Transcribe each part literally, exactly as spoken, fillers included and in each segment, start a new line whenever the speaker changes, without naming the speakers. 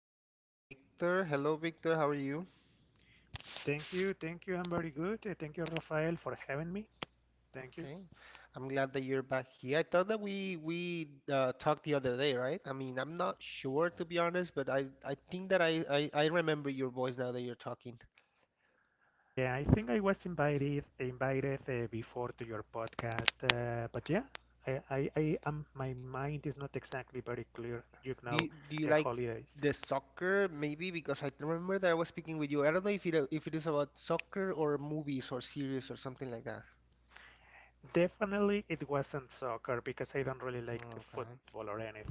Today we have Victor. Hello, Victor. How are you?
Thank you, thank you. I'm very good. Uh, Thank you, Rafael, for having me. Thank you.
Okay. I'm glad that you're back here. I thought that we we uh, talked the other day, right? I mean, I'm not sure to be honest, but I I think that I I, I remember your voice now that you're talking.
Yeah, I think I was invited invited uh, before to your podcast, uh, but yeah, I I, I am. My mind is not exactly very clear. You
Do
know,
you, do you
the
like
holidays.
the soccer? Maybe because I remember that I was speaking with you. I don't know if it if it is about soccer or movies or series or something like that.
Definitely, it wasn't soccer because I don't really like the
Okay.
football or anything.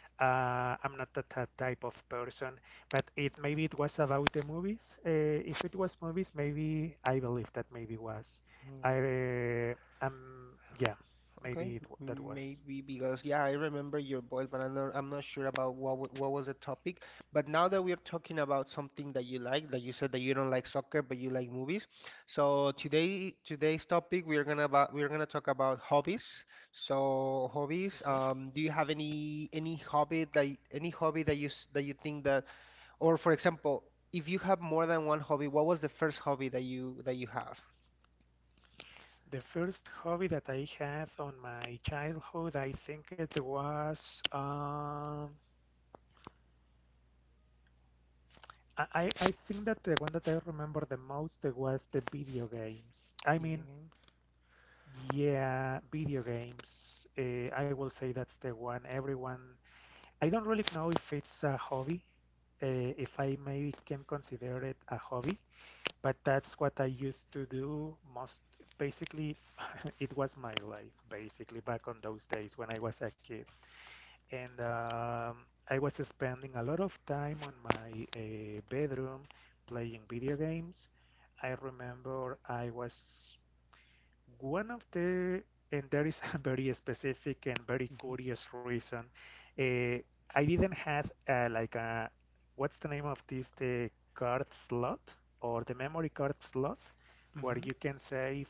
Uh, I'm not that ty- type of person, but it maybe it was about the movies. Uh, if it was movies, maybe I believe that maybe was. I uh, um yeah,
Okay,
Maybe it, w- that
m-
was.
maybe because yeah, I remember your voice, but I'm not, I'm not sure about what wa- what was the topic. But now that we're talking about something that you like, that you said that you don't like soccer, but you like movies. So today today's topic we're gonna about we're gonna talk about hobbies. So hobbies,
Mhm.
um, do you have any any hobby that y- any hobby that you s- that you think that, or for example, if you have more than one hobby, what was the first hobby that you that you have?
The first hobby that I had on my childhood, I think it was um, I, I I think that the one that I remember the most was the video games. I
Video
mean,
games.
yeah, video games. Uh, I will say that's the one everyone. I don't really know if it's a hobby, uh, if I maybe can consider it a hobby, but that's what I used to do most. Basically, it was my life, basically, back on those days when I was a kid. And um, I was spending a lot of time on my uh, bedroom playing video games. I remember I was one of the, and there is a very specific and very
Mm-hmm.
curious reason. Uh, I didn't have uh, like a, what's the name of this, the card slot or the memory card slot where
Mm-hmm.
you can save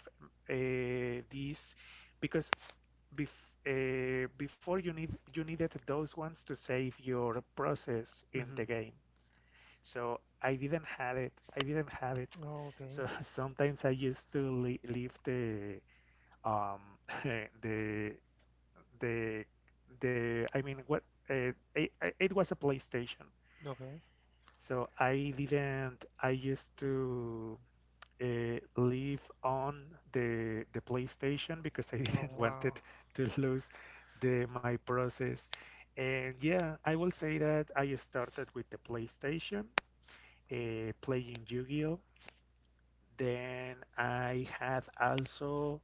uh, these because bef uh, before you need you needed those ones to save your process in
Mm-hmm.
the game. So I didn't have it. I didn't have it.
Oh, okay.
So sometimes I used to le leave the um, the the the I mean what uh, it, it was a PlayStation,
Okay.
so I didn't I used to uh, live on the the PlayStation because I
Oh
didn't want it
wow.
to lose the my process. And yeah, I will say that I started with the PlayStation uh, playing Yu-Gi-Oh, then I had also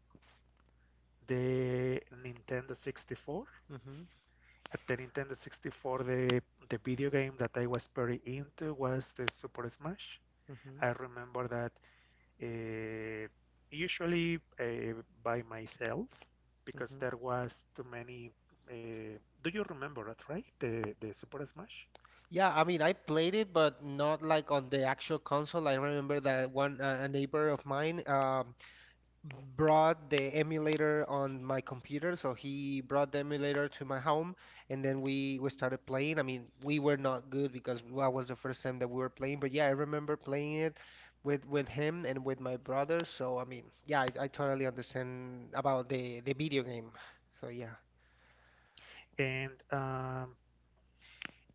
the Nintendo sixty-four.
Mhm.
At the Nintendo sixty-four, the the video game that I was very into was the Super Smash.
Mhm.
I remember that uh, usually uh, by myself because
Mhm.
there was too many. Uh, do you remember that, right? The the Super Smash,
Yeah, I mean, I played it, but not like on the actual console. I remember that one uh, a neighbor of mine um, brought the emulator on my computer, so he brought the emulator to my home, and then we we started playing. I mean, we were not good because that was the first time that we were playing. But yeah, I remember playing it with with him and with my brother. So I mean, yeah, I, I totally understand about the the video game. So yeah.
and um,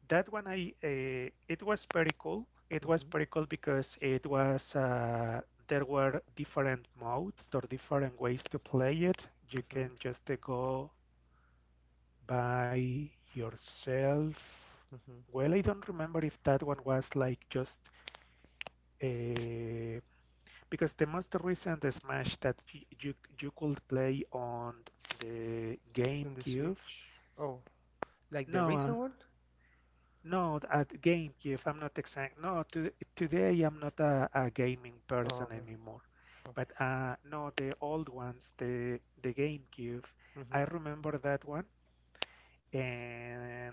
that one I uh, it was pretty cool. It was
Mhm.
pretty cool because it was uh, there were different modes or different ways to play it. You can
Mhm.
just uh, go by yourself.
Hmm.
Well, I don't remember if that one was like just uh, because the most recent Smash that y- you you could play on the
In the
GameCube.
Switch? Oh, like the
No, uh,
recent one?
no, at GameCube. I'm not exact. No, to, today I'm not a, a gaming person
Oh,
anymore. But
okay.
uh, no, the old ones, the the GameCube.
Okay.
I
Hmm.
remember that one. And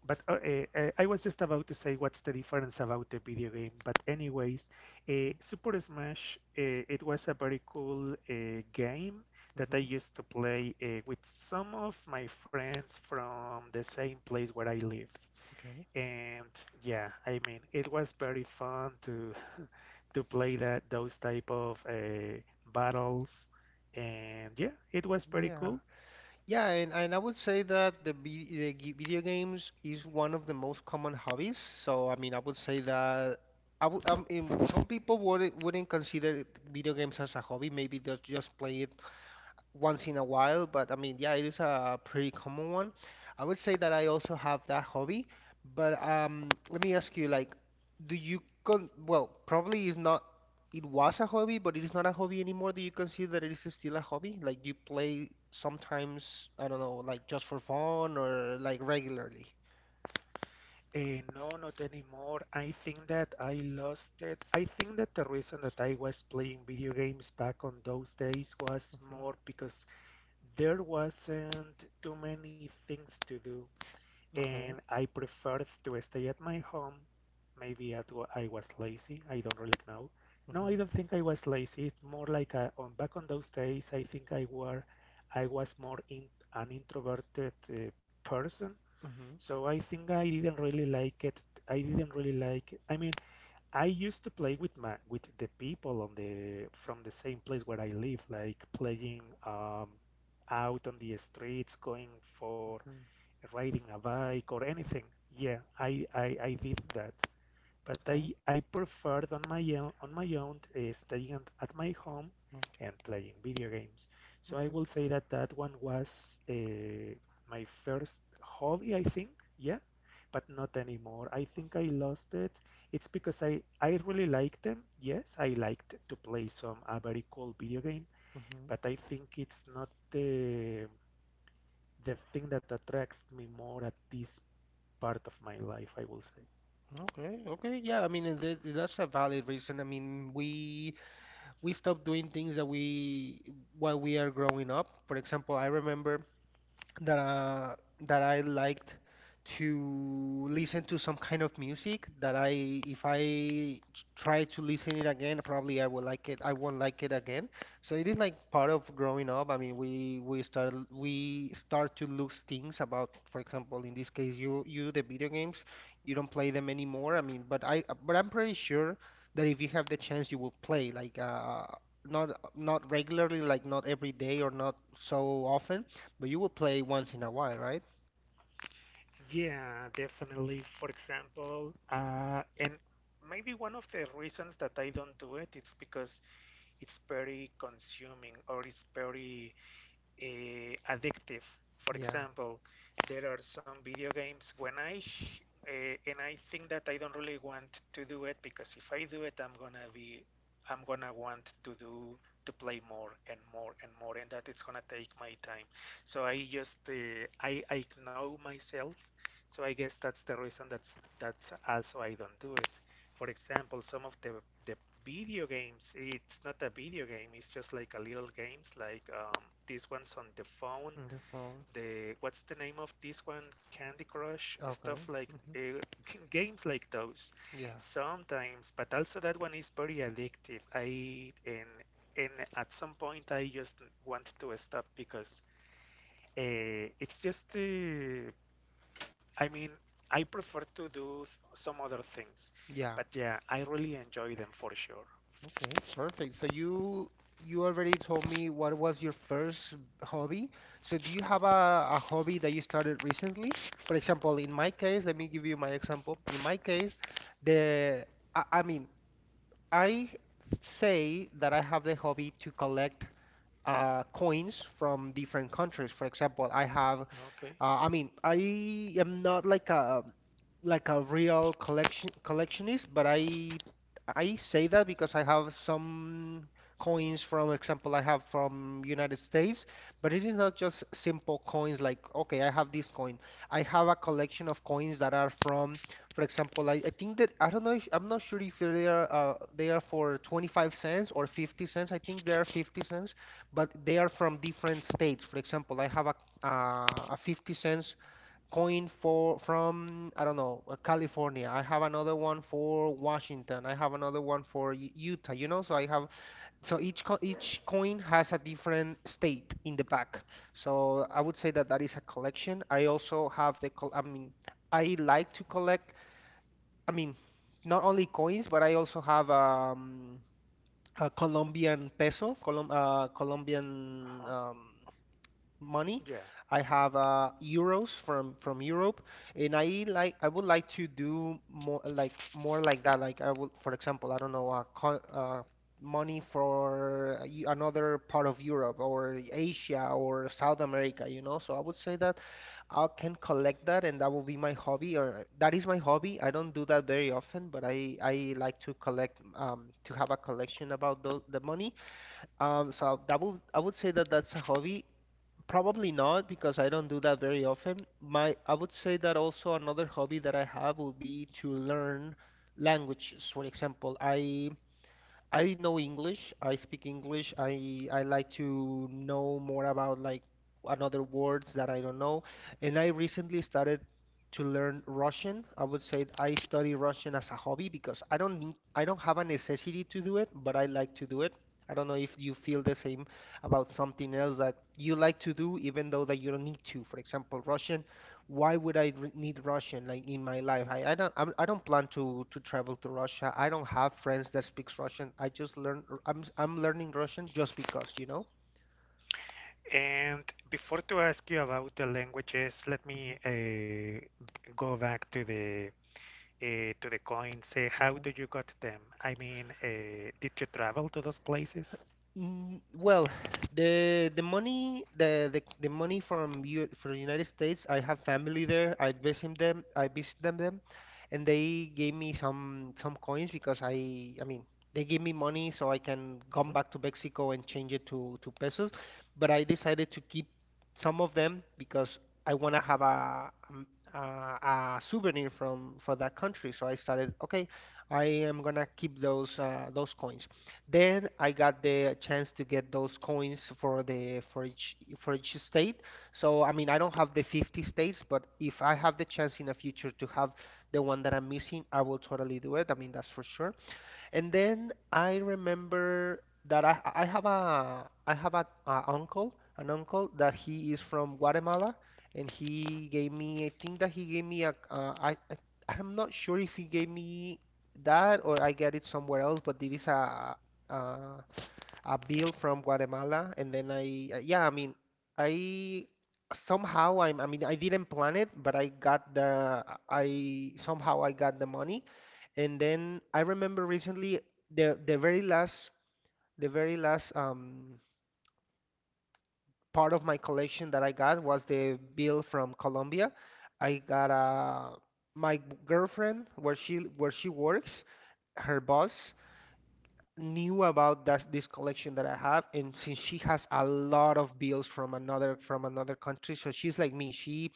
But uh, eh, eh, I was just about to say what's the difference about the video game. But anyways, uh,
Okay.
Super Smash, uh, it was a very cool uh, game that I
Hmm.
used to play uh, with some of my friends from the same place where I live.
Okay.
And yeah, I mean, it was very fun to to play that those type of uh, battles. And yeah, it was pretty
Yeah.
cool.
Yeah, and, and I would say that the, vi- the g- video games is one of the most common hobbies. So, I mean, I would say that I would, I mean, some people wouldn't, wouldn't consider it- video games as a hobby. Maybe they just play it once in a while, but I mean, yeah, it is a pretty common one. I would say that I also have that hobby, but um, let me ask you, like, do you con well, probably is not it was a hobby, but it is not a hobby anymore. Do you consider that it is still a hobby? Like, do you play sometimes, I don't know, like just for fun or like regularly?
Eh, no, not anymore. I think that I lost it. I think that the reason that I was playing video games back on those days was
Mhm.
more because there wasn't too many things to do, and
Okay.
I preferred to stay at my home. Maybe at wa- I was lazy. I don't really know. No, I
Mhm.
don't think I was lazy. It's more like uh on back on those days. I think I were, I was more in, an introverted uh, person,
Mhm.
so I think I didn't really like it. I didn't really like it. I mean, I used to play with my with the people on the from the same place where I live, like playing um, out on the streets, going for
Mhm.
riding a bike or anything. Yeah, I, I, I did that. But
Okay.
I, I preferred on my own, on my own uh, staying at, at my home
Okay.
and playing video games. So I
Okay.
will say that that one was uh, my first hobby, I think. Yeah, but not anymore. I think I lost it. It's because I, I really like them. Yes, I liked to play some a very cool video game,
Mhm.
but I think it's not the the thing that attracts me more at this part of my life, I will say.
Okay. Okay. Yeah. I mean, and that- that's a valid reason. I mean, we we stop doing things that we while we are growing up. For example, I remember that uh, that I liked to listen to some kind of music that I if I t- try to listen it again, probably I will like it. I won't like it again. So it is like part of growing up. I mean, we we start we start to lose things about, for example, in this case, you you the video games, you don't play them anymore. I mean, but I but I'm pretty sure that if you have the chance, you will play. Like uh, not not regularly, like not every day or not so often, but you will play once in a while, right?
Yeah, definitely. For example, uh, and maybe one of the reasons that I don't do it, it's because it's very consuming or it's very eh, addictive. For
Yeah,
example, there are some video games when I sh- eh, and I think that I don't really want to do it because if I do it, I'm gonna be I'm gonna want to do to play more and more and more, and that it's gonna take my time. So I just uh, I I know myself. So I guess that's the reason that's that's also I don't do it. For example, some of the the video games, it's not a video game, it's just like a little games like um, these ones on the phone,
in the phone.
the what's the name of this one, Candy Crush, stuff
Okay.
like
Hmm.
uh, games like those
Yeah.
sometimes, but also that one is very addictive I and and at some point I just want to stop because uh, it's just uh, I mean, I prefer to do s- some other things,
Yeah.
but yeah, I really enjoy them for sure.
Okay. Perfect. So you you already told me what was your first hobby. So do you have a, a hobby that you started recently? For example, in my case, let me give you my example. In my case, the I, I mean, I say that I have the hobby to collect uh, coins from different countries. For example, I have,
Okay.
uh, I mean, I am not like a like a real collection collectionist, but I I say that because I have some coins from example I have from United States, but it is not just simple coins like okay, I have this coin. I have a collection of coins that are from, for example, I, I think that I don't know if I'm not sure if they are uh, they are for twenty-five cents or fifty cents. I think they are fifty cents, but they are from different states. For example, I have a uh, a fifty cents coin for from I don't know uh, California. I have another one for Washington. I have another one for U- Utah. You know, so I have so each co each coin has a different state in the back. So I would say that that is a collection. I also have the col I mean I like to collect. I mean not only coins, but I also have um, a Colombian peso, Colom uh, Colombian
Uh-huh.
um, money.
Yeah.
I have uh, euros from from Europe, and I like I would like to do more like more like that. Like I would, for example, I don't know, uh, co uh, money for y- another part of Europe or Asia or South America, you know. So I would say that I can collect that, and that will be my hobby, or that is my hobby. I don't do that very often, but I I like to collect um to have a collection about tho- the money. Um, so that would I would say that that's a hobby, probably not because I don't do that very often. My, I would say that also another hobby that I have would be to learn languages. For example, I I know English. I speak English. I I like to know more about like another words that I don't know. And I recently started to learn Russian. I would say I study Russian as a hobby because I don't need I don't have a necessity to do it, but I like to do it. I don't know if you feel the same about something else that you like to do even though that you don't need to. For example, Russian, why would I r- need Russian like in my life? I, I don't I'm, I don't plan to to travel to Russia. I don't have friends that speaks Russian. I just learn r- I'm I'm learning Russian just because, you know?
And before to ask you about the languages, let
Hmm.
me uh, go back to the uh, to the coins. Say, how
Okay.
did you got them? I mean, uh, did you travel to those places?
Mm, well, the the money the the, the money from U from the United States, I have family there. I visit them. I visit them them, and they gave me some some coins because I I mean they gave me money so I can come
Hmm.
back to Mexico and change it to to pesos. But I decided to keep some of them because I want to have a, um, a a souvenir from for that country. So I started, okay, I am gonna keep those uh, those coins. Then I got the chance to get those coins for the for each for each state. So I mean, I don't have the fifty states, but if I have the chance in the future to have the one that I'm missing, I will totally do it. I mean, that's for sure. And then I remember that I, I have a I have a, a uncle, an uncle that he is from Guatemala, and he gave me, I think that he gave me a, uh, I, I I'm not sure if he gave me that or I get it somewhere else, but it is a, uh a bill from Guatemala, and then I, uh, yeah, I mean, I somehow I'm, I mean, I didn't plan it, but I got the, I somehow I got the money, and then I remember recently the the very last, the very last um part of my collection that I got was the bill from Colombia. I got a my girlfriend where she where she works, her boss knew about that this collection that I have, and since she has a lot of bills from another from another country, so she's like me. She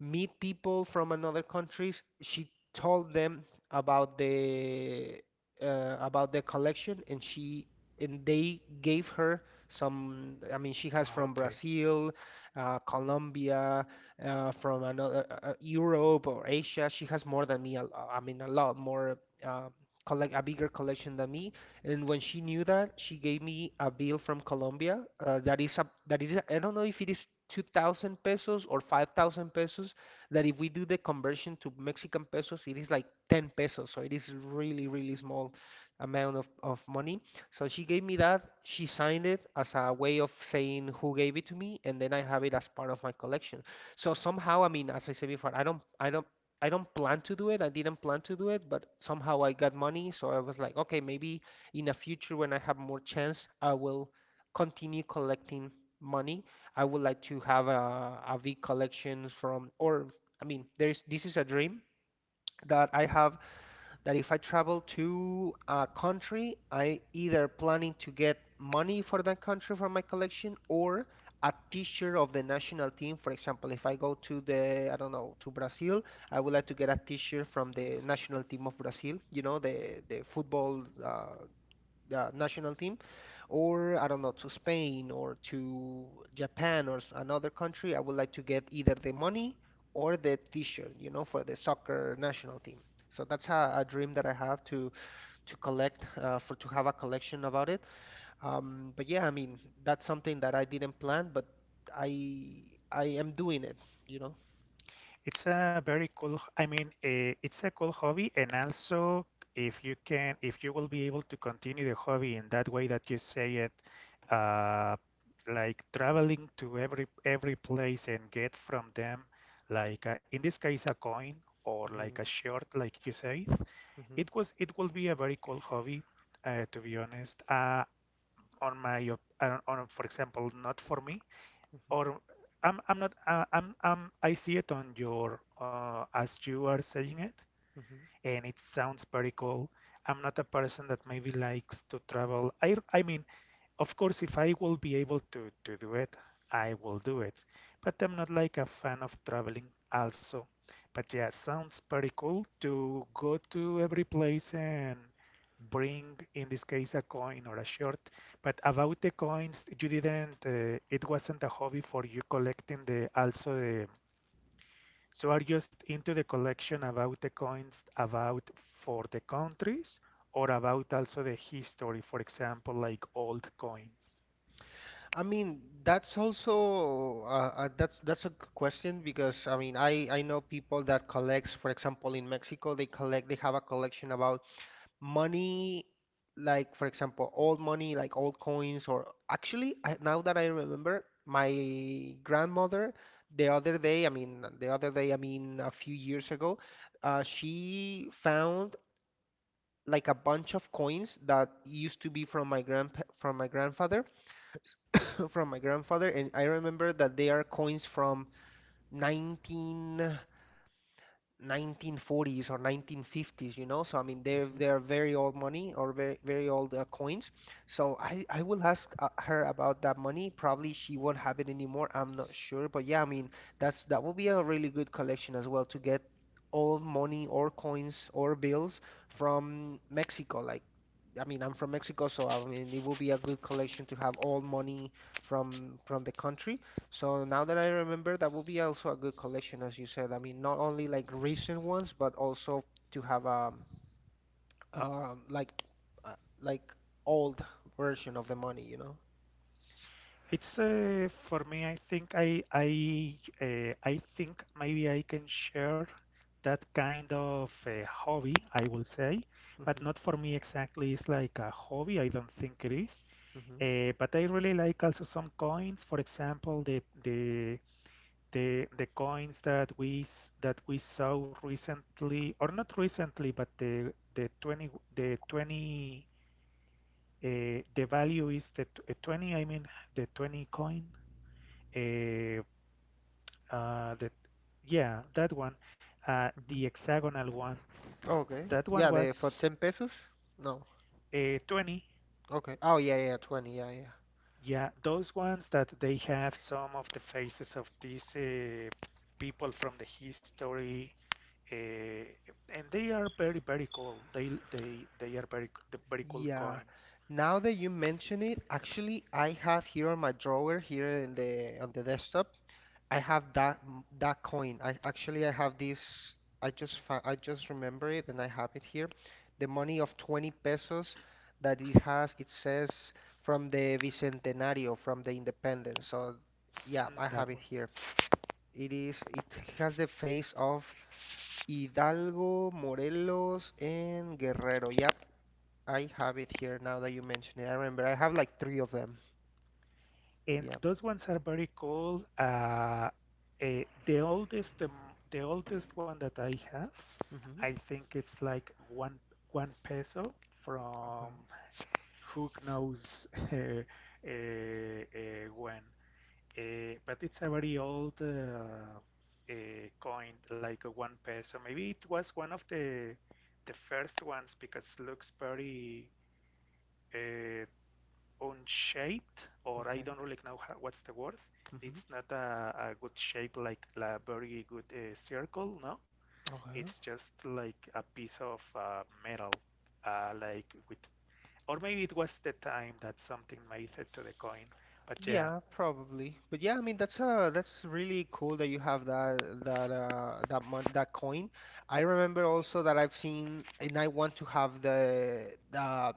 meet people from another countries. She told them about the uh, about the collection, and she and they gave her some. I mean, she has from
Okay.
Brazil, uh, Colombia, uh, from another uh, uh, Europe or Asia. She has more than me. a lo- I mean, a lot more. Uh, collect a bigger collection than me and when she knew that, she gave me a bill from Colombia. Uh, that is a that is a, I don't know if it is two thousand pesos or five thousand pesos. That if we do the conversion to Mexican pesos, it is like ten pesos. So it is really really small amount of, of money. So she gave me that. She signed it as a way of saying who gave it to me, and then I have it as part of my collection. So somehow, I mean, as I said before, I don't I don't I don't plan to do it. I didn't plan to do it, but somehow I got money, so I was like, okay, maybe in a future when I have more chance, I will continue collecting money. I would like to have a, a big collection from, or I mean, there's this is a dream that I have that if I travel to a country, I either planning to get money for that country from my collection or a t-shirt of the national team. For example, if I go to the, I don't know, to Brazil, I would like to get a t-shirt from the
Mhm.
national team of Brazil, you know, the the football, uh, the national team, or I don't know, to Spain or to Japan or s- another country, I would like to get either the money or the t-shirt, you know, for the soccer national team. So that's a, a dream that I have to to collect uh, for to have a collection about it. Um, but yeah, I mean, that's something that I didn't plan, but I I am doing it, you know.
It's a very cool, I mean, uh, it's a cool hobby, and also if you can, if you will be able to continue the hobby in that way that you say it, uh, like traveling to every every place and get from them, like uh, in this case a coin or like
Hmm.
a shirt, like you say,
Hmm.
it was it will be a very cool hobby, uh, to be honest. Uh, on my, op- uh, on, for example, not for me
Hmm.
or I'm I'm not uh, I'm I'm I see it on your uh, as you are saying it,
Hmm.
and it sounds pretty cool. I'm not a person that maybe likes to travel. I I mean, of course, if I will be able to, to do it, I will do it. But I'm not like a fan of traveling also. But yeah, sounds pretty cool to go to every place and bring, in this case, a coin or a shirt. But about the coins, you didn't, uh, it wasn't a hobby for you collecting the, also the, so are you just into the collection about the coins, about for the countries, or about also the history, for example, like old coins?
I mean, that's also uh, uh, that's that's a g- question because I mean, I I know people that collects, for example, in Mexico, they collect they have a collection about money, like for example, old money, like old coins, or actually, I, now that I remember, my grandmother, the other day, I mean, the other day, I mean, a few years ago, uh, she found like a bunch of coins that used to be from my grandpa from my grandfather from my grandfather, and I remember that they are coins from nineteen, nineteen forties or nineteen fifties, you know. So I mean, they're
Mhm.
they're very old money or very very old uh, coins. So I I will ask uh, her about that money. Probably she won't have it anymore. I'm not sure, but yeah, I mean, that's that will be a really good collection as well to get old money or coins or bills from Mexico. Like I mean, I'm from Mexico, so I mean, it will be a good collection to have all money from from the country. So now that I remember, that will be also a good collection, as you said. I mean, not only like recent ones, but also to have um um like uh, like old version of the money, you know?
It's uh, for me. I think I I uh, I think maybe I can share that kind of uh, hobby, I will say, but
Mm-hmm.
not for me exactly. It's like a hobby. I don't think it is.
Mm-hmm.
Uh, but I really like also some coins. For example, the the the the coins that we s- that we saw recently, or not recently, but the the twenty the twenty uh, the value is the tw- uh, twenty. I mean the twenty coin. Uh, uh, the, yeah, that one, uh, the
Mm-hmm.
hexagonal one,
Okay.
that one
Yeah, the for
was
ten pesos? No.
uh, twenty.
Okay. Oh yeah, yeah, twenty. Yeah, yeah,
Yeah, those ones that they have some of the faces of these uh, people from the history, uh, and they are very, very cool. They they they are very very cool
yeah.
coins.
Now that you mention it, actually, I have here on my drawer here in the on the desktop. I have that that coin. I actually I have this. I just fi- I just remember it and I have it here. The money of twenty pesos that it has. It says from the Bicentenario, from the independence. So yeah, I
Mm, that
have it
one.
here. It is. It has the face of Hidalgo, Morelos, and Guerrero. Yep. I have it here now that you mention it. I remember I have like three of them.
And
Yep.
those ones are very cool. Uh, eh, the oldest, the, the oldest one that I have,
Mm-hmm.
I think it's like one one peso
Okay,
from who knows uh, uh, uh, when. Uh, but it's a very old uh, uh, coin, like a one peso. Maybe it was one of the the first ones because looks very uh, unshaped, or I
okay.
don't really know how, what's the word.
Mm-hmm.
It's not a, a good shape like a very good uh, circle, no? It's
Okay.
just like a piece of uh, metal, uh, like with, or maybe it was the time that something made it to the coin. But yeah,
Yeah, probably. But yeah, I mean that's uh that's really cool that you have that that uh that mon that coin. I remember also that I've seen and I want to have the uh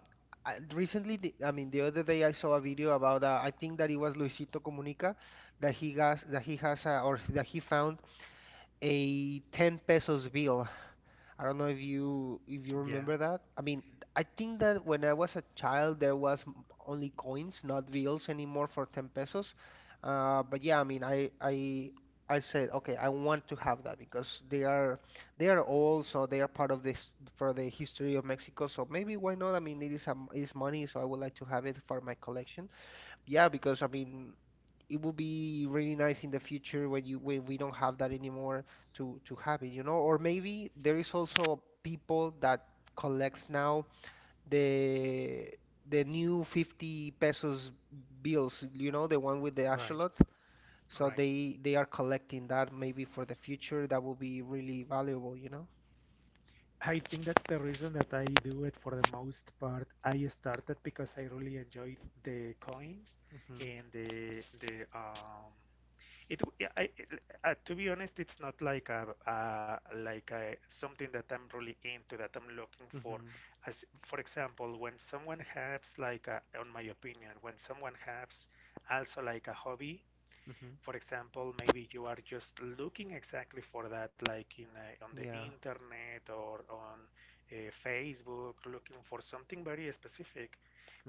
I, recently the, I mean the other day I saw a video about uh, I think that it was Luisito Comunica that he has that he has uh, or that he found a ten pesos bill. I don't know if you if you
yeah,
remember that. I mean, I think that when I was a child, there was m- only coins, not bills anymore for ten pesos. Uh, but yeah, I mean, I I I said, okay, I want to have that because they are they are old, so they are part of this for the history of Mexico. So maybe why not? I mean, it is a, m- it is money, so I would like to have it for my collection. Yeah, because I mean, it would be really nice in the future when you when we don't have that anymore to to have it, you know? Or maybe there is also people that collects now the the new fifty pesos bills, you know, the one with the
right,
axolot. So
right.
they they are collecting that maybe for the future. That would be really valuable, you know?
I think that's the reason that I do it for the most part. I started because I really enjoyed the coins
Hmm.
and the the um It, yeah, I- uh, to be honest, it's not like a, uh, like a, something that I'm really into that I'm looking for.
Hmm.
As for example, when someone has like a, on my opinion, when someone has also like a hobby,
Hmm.
for example, maybe you are just looking exactly for that, like in uh, on the
Yeah.
internet or on uh, Facebook, looking for something very specific.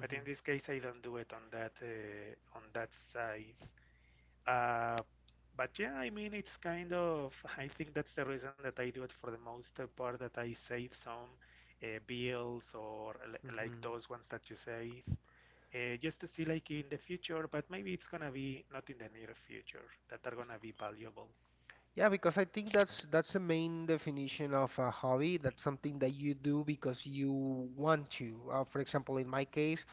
But in this case, I don't do it on that uh, on that side. Uh, but yeah, I mean, it's kind of, I think that's the reason that I do it for the most part, that I save some uh, bills or li- like
Hmm.
those ones that you save, uh, just to see like in the future, but maybe it's gonna be not in the near future that are gonna be valuable.
Yeah, because I think that's that's the main definition of a hobby. That's something that you do because you want to. Uh, for example, in my case,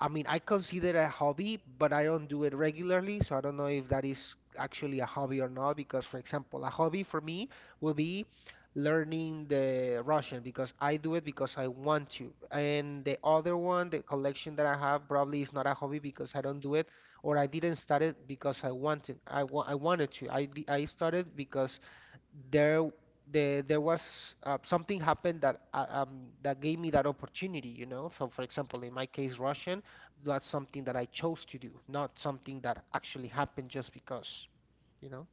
I mean, I consider a hobby, but I don't do it regularly, so I don't know if that is actually a hobby or not. Because, for example, a hobby for me will be learning the Russian because I do it because I want to. And the other one, the collection that I have, probably is not a hobby because I don't do it or I didn't start it because I wanted. I wa I wanted to. I di- I started because there there there was uh, something happened that uh, um that gave me that opportunity, you know. So for example, in my case, Russian, that's something that I chose to do, not something that actually happened just because, you know.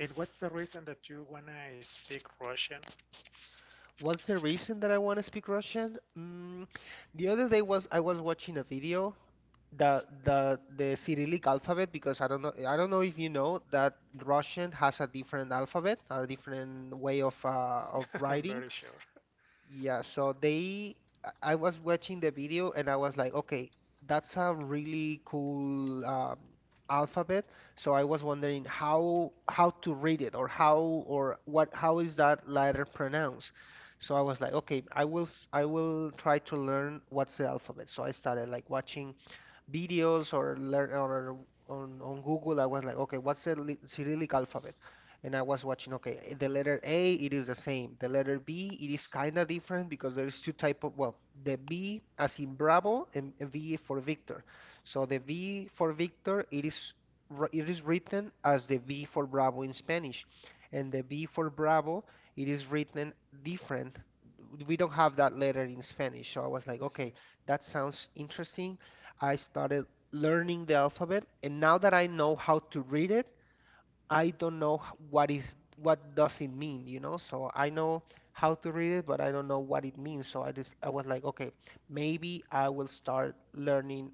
And what's the reason that you wanna speak Russian?
What's the reason that I want to speak Russian? Mm, the other day was I was watching a video the the the Cyrillic alphabet because I don't know I don't know if you know that Russian has a different alphabet, a different way of uh, of
I'm
writing.
very sure.
Yeah, so they, I I was watching the video and I was like, okay, that's a really cool um, alphabet. So I was wondering how how to read it or how or what how is that letter pronounced? So I was like, okay, I will s- I will try to learn what's the alphabet. So I started like watching videos or learn or on, on Google, I was like, okay, what's the li- Cyrillic alphabet? And I was watching, okay, the letter A, it is the same. The letter B, it is kind of different because there is two type of, well, the B as in Bravo and and V for Victor. So the V for Victor, it is wr- it is written as the V for Bravo in Spanish, and the B for Bravo, it is written different. We don't have that letter in Spanish, so I was like, okay,
Mhm.
that sounds interesting. I started learning the alphabet, and now that I know how to read it, I don't know h- what is what does it mean, you know? So I know how to read it, but I don't know what it means. So I just I was like, okay, maybe I will start learning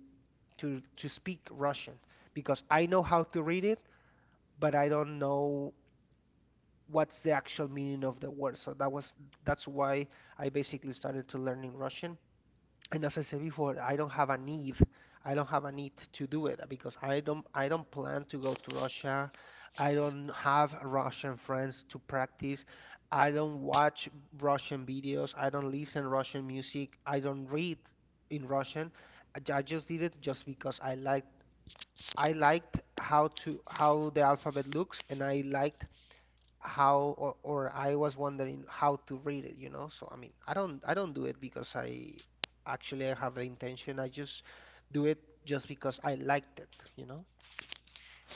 to to speak Russian because I know how to read it, but I don't know what's the actual meaning of the word. So that was that's why I basically started to learning Russian, and as I said before, I don't have a need. I don't have a need to do it because I don't I don't plan to go to Russia. I don't have Russian friends to practice. I don't watch Russian videos. I don't listen Russian music. I don't read in Russian. I ju- I just did it just because I liked I liked how to how the alphabet looks, and I liked how or, or I was wondering how to read it, you know? So I mean, I don't I don't do it because I actually I have the intention. I just do it just because I liked it, you know?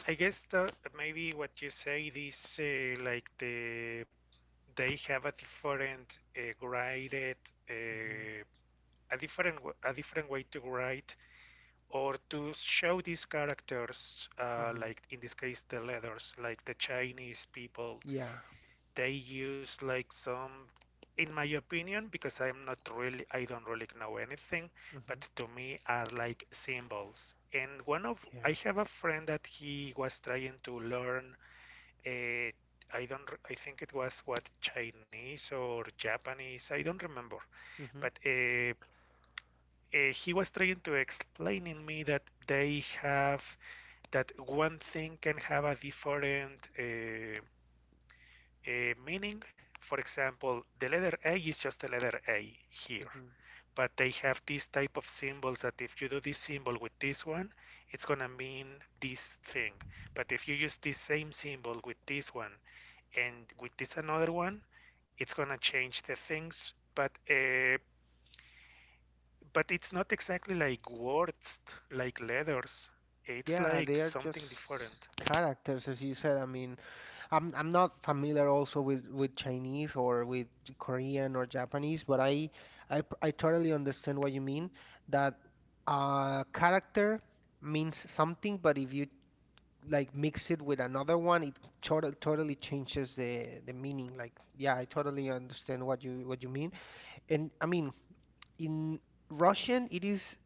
I guess the, maybe what you say is uh, like the they have a different uh, graded uh,
Hmm.
a different a different way to write or to show these characters, uh,
Hmm.
like in this case the letters, like the Chinese people.
Yeah.
They use like some, in my opinion, because i'm not really i don't really know anything,
Hmm.
but to me are like symbols. And one of,
Yeah.
I have a friend that he was trying to learn a, I don't. I think it was what, Chinese or Japanese, I don't remember.
Hmm.
But uh, uh, he was trying to explaining me that they have, that one thing can have a different uh, uh, meaning. For example, the letter A is just the letter A here,
Hmm.
but they have this type of symbols that if you do this symbol with this one, it's gonna mean this thing. But if you use this same symbol with this one and with this another one, it's gonna change the things. But uh, but it's not exactly like words, like letters. It's
Yeah,
like
they are
something different.
just characters, as you said. I mean, I'm I'm not familiar also with with Chinese or with Korean or Japanese, but I I p- I totally understand what you mean that uh character means something, but if you like mix it with another one, it totally totally changes the the meaning. Like, yeah, I totally understand what you what you mean. And I mean, in Russian it is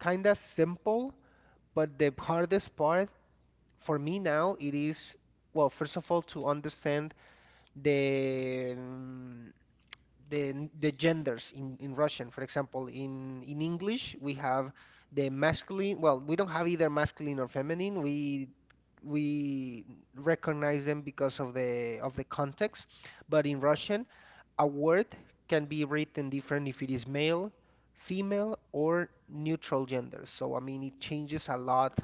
kind of simple, but the hardest part for me now it is, well, first of all, to understand the mm, the, the genders in, in Russian. For example, in, in English, we have the masculine. Well, we don't have either masculine or feminine. We we recognize them because of the of the context. But in Russian, a word can be written different if it is male, female, or neutral gender. So I mean, it changes a lot.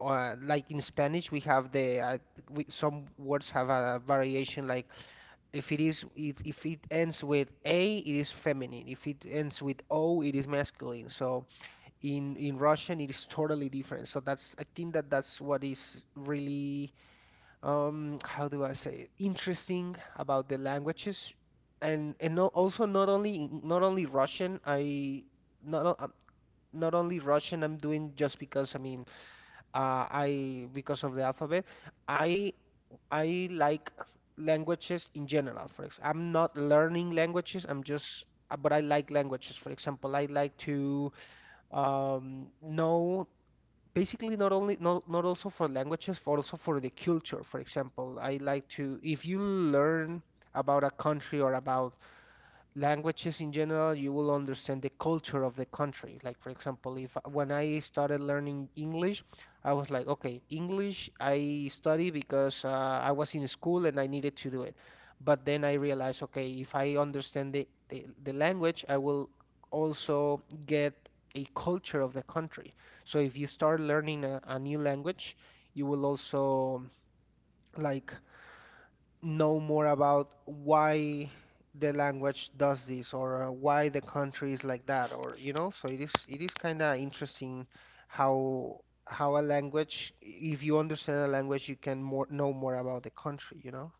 Uh, like in Spanish, we have the uh, we, some words have a variation, like if it is if, if it ends with A, it is feminine. If it ends with O, it is masculine. So in in Russian, it is totally different. So that's I think that that's what is really um how do I say it? Interesting about the languages, and and no, also not only not only Russian. I not o- um, Not only Russian. I'm doing just because I mean uh, I because of the alphabet. I I like languages in general. For example, I'm not learning languages. I'm just, uh, but I like languages. For example, I like to um, know basically not only not not also for languages, but also for the culture. For example, I like to if you learn about a country or about languages in general, you will understand the culture of the country. Like, for example, if when I started learning English, I was like, okay, English I study because uh, I was in school and I needed to do it. But then I realized, okay, if I understand the, the, the language, I will also get a culture of the country. So if you start learning a, a new language, you will also like know more about why the language does this or uh, why the country is like that, or you know, so it is it is kind of interesting how how a language, if you understand a language, you can more know more about the country, you know.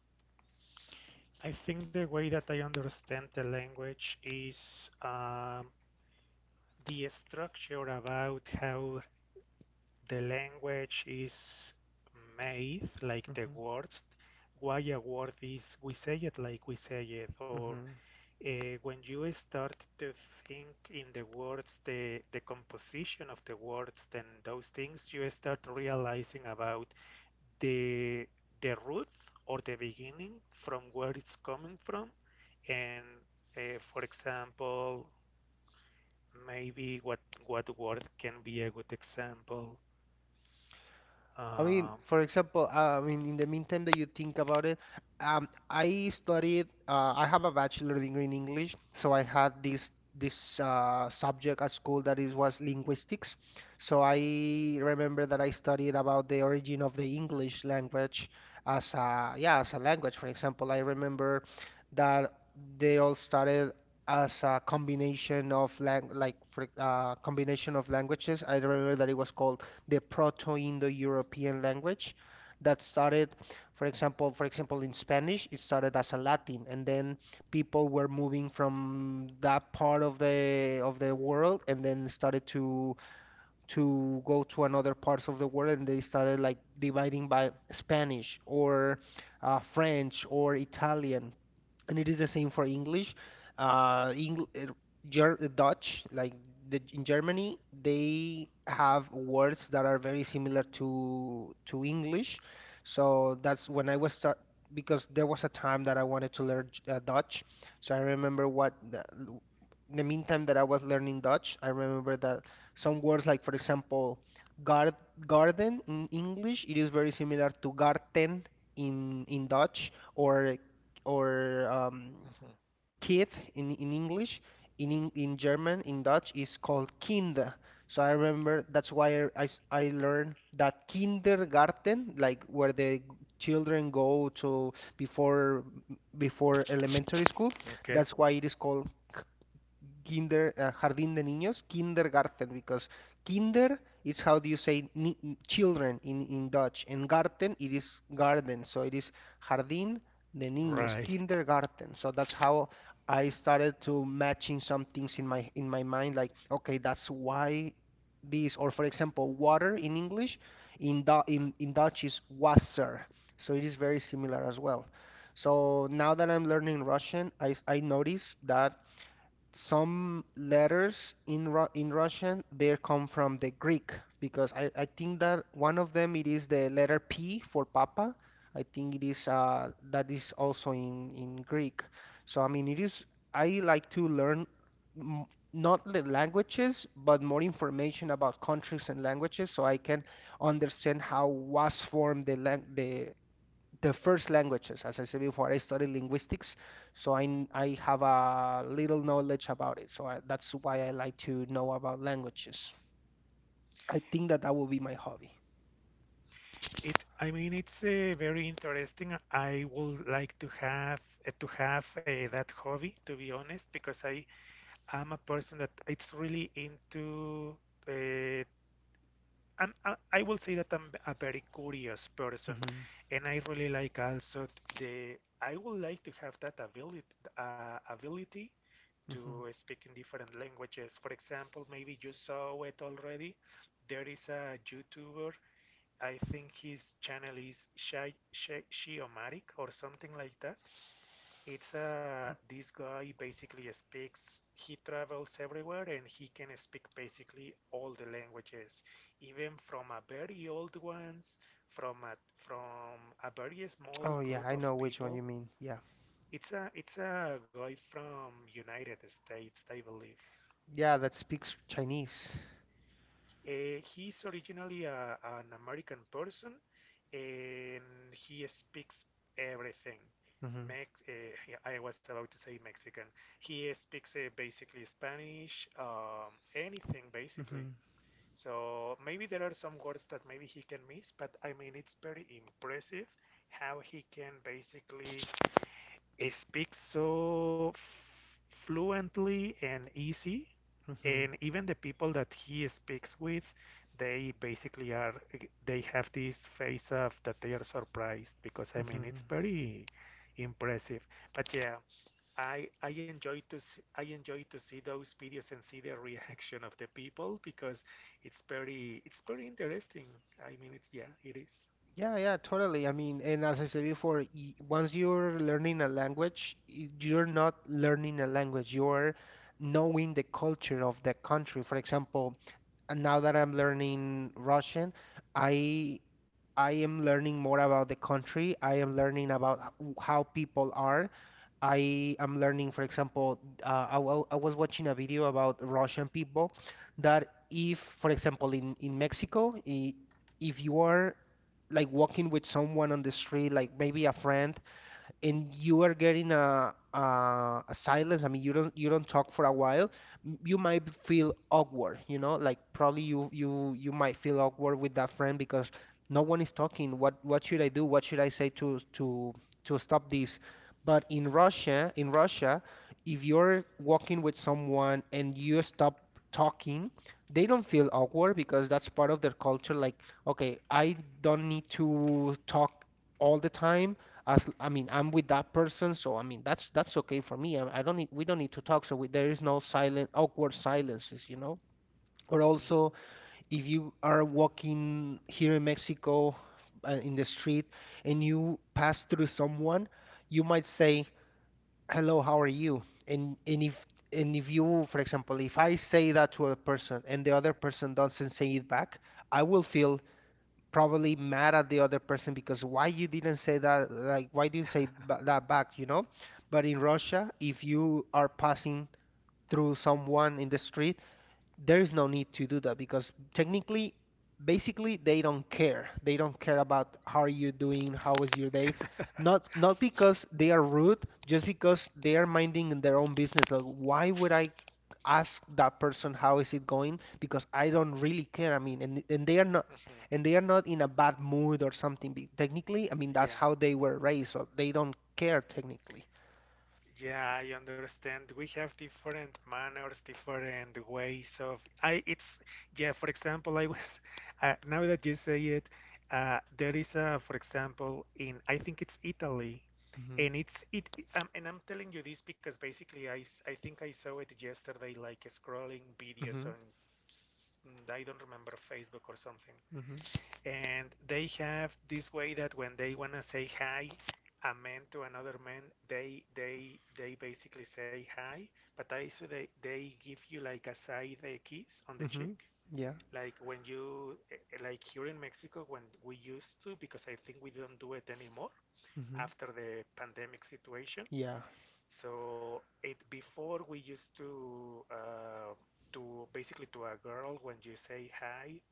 I think the way that I understand the language is, um, the structure about how the language is made, like the
Hmm
words, why a word is, we say it like we say it, or
hmm
uh, when you start to think in the words, the, the composition of the words. Then those things you start realizing about the the root or the beginning from where it's coming from. And uh, for example, maybe what what word can be a good example?
I mean,
Um,
for example, uh, I mean, in the meantime that you think about it, um, I studied. Uh, I have a bachelor degree in English, so I had this this uh, subject at school that is was linguistics. So I remember that I studied about the origin of the English language as a, yeah, as a language. For example, I remember that they all started as a combination of lang like for, uh, combination of languages. I remember that it was called the Proto-Indo-European language that started, for example, for example, in Spanish, it started as a Latin, and then people were moving from that part of the of the world, and then started to to go to another parts of the world, and they started like dividing by Spanish or uh, French or Italian, and it is the same for English. Uh, Engl uh, Ger Dutch, like the, in Germany, they have words that are very similar to to English. So that's when I was start because there was a time that I wanted to learn J- uh, Dutch. So I remember what the, l- in the meantime that I was learning Dutch, I remember that some words, like, for example, gar garden in English, it is very similar to garten in in Dutch, or or um,
Mhm.
kid in, in English. In, in in German, in Dutch, is called Kinder. So I remember that's why I, I s- I learned that kindergarten, like where the g- children go to before before elementary school.
Okay,
That's why it is called kinder, uh, jardín de niños, kindergarten, because kinder is how do you say ni children in in Dutch, and garten it is garden, so it is jardín de niños,
right.
kindergarten. So that's how I started to matching some things in my in my mind, like okay, that's why this, or for example, water in English, in Du- in in Dutch is wasser, so it is very similar as well. So now that I'm learning Russian, I, s- I notice that some letters in Ru in Russian they come from the Greek because I, I think that one of them it is the letter P for Papa. I think it is uh, that is also in in Greek. So I mean it is I like to learn m not the languages but more information about countries and languages so I can understand how was formed the lang the the first languages. As I said before, I studied linguistics, so I, kn- I have a little knowledge about it. So I, that's why I like to know about languages. I think that that will be my hobby.
It, I mean, it's uh, very interesting. I would like to have uh, to have uh, that hobby, to be honest, because I am a person that it's really into. Uh, I'm, I, I will say that I'm a very curious person,
Hmm
and I really like also the. I would like to have that ability, uh, ability
hmm
to speak in different languages. For example, maybe you saw it already. There is a YouTuber. I think his channel is Shai Shiomatic or something like that. It's a, this guy basically speaks, he travels everywhere and he can speak basically all the languages, even from a very old ones, from a, from a very small
Oh yeah,
group
I
of
know which one
people.
you mean. Yeah,
It's a, it's a guy from United States, I believe.
yeah, that speaks Chinese.
Uh, he's originally a, an American person, and he speaks everything.
Hmm
Mex- uh, yeah, I was about to say Mexican. He speaks uh, basically Spanish, um, anything basically.
hmm
So maybe there are some words that maybe he can miss, but I mean it's very impressive how he can basically, he speaks so f- fluently and easy,
hmm
and even the people that he speaks with, they basically are, they have this face of that they are surprised because I mean it's
hmm
very impressive. But yeah, I I enjoy to see, I enjoy to see those videos and see the reaction of the people because it's very, it's very interesting. I mean it's, yeah, it is.
Yeah, yeah, totally. I mean, and as I said before, y- once you're learning a language, y- you're not learning a language. You're knowing the culture of the country. For example, and now that I'm learning Russian, I I am learning more about the country. I am learning about h- w- how people are. I am learning, for example, uh, I, wa- I was watching a video about Russian people that if, for example, in in Mexico, i- if you are like walking with someone on the street, like maybe a friend, and you are getting a, a a silence. I mean, you don't you don't talk for a while. m- You might b- feel awkward, you know, like probably you you you might feel awkward with that friend because no one is talking. What what should I do? What should I say to to to stop this? But in Russia, in Russia, if you're walking with someone and you stop talking, they don't feel awkward because that's part of their culture. Like, okay, I don't need to talk all the time, as I mean, I'm with that person, so I mean that's that's okay for me. I, I don't need, we don't need to talk, so we, there is no silent awkward silences, you know. Or also,
Mm-hmm.
if you are walking here in Mexico uh, in the street and you pass through someone, you might say, "Hello, how are you?" And and if and if you, for example, if I say that to a person and the other person doesn't say it back, I will feel probably mad at the other person because why you didn't say that, like why didn't say ba- that back, you know. But in Russia, if you are passing through someone in the street, there is no need to do that because technically basically they don't care, they don't care about how are you doing, how is your day, not not because they are rude, just because they are minding their own business. Like, why would I ask that person how is it going, because I don't really care, I mean. And, and they are not
Mm-hmm.
and they are not in a bad mood or something be- technically I mean that's
Yeah.
how they were raised so they don't care technically.
Yeah, I understand. We have different manners, different ways of. I, it's, yeah. For example, I was uh, now that you say it, uh, there is a, for example in, I think it's Italy,
Hmm
and it's it. it- um, and I'm telling you this because basically I s- I think I saw it yesterday, like scrolling videos
hmm
on s- I don't remember, Facebook or something.
hmm
And they have this way that when they wanna say hi, a man to another man, they they they basically say hi, but also they they give you like a side uh, kiss on the cheek.
hmm yeah.
Like when you eh, eh, like here in Mexico when we used to, because I think we don't do it anymore
hmm
after the pandemic situation.
Yeah.
So it, before we used to uh, to basically, to a girl when you say hi,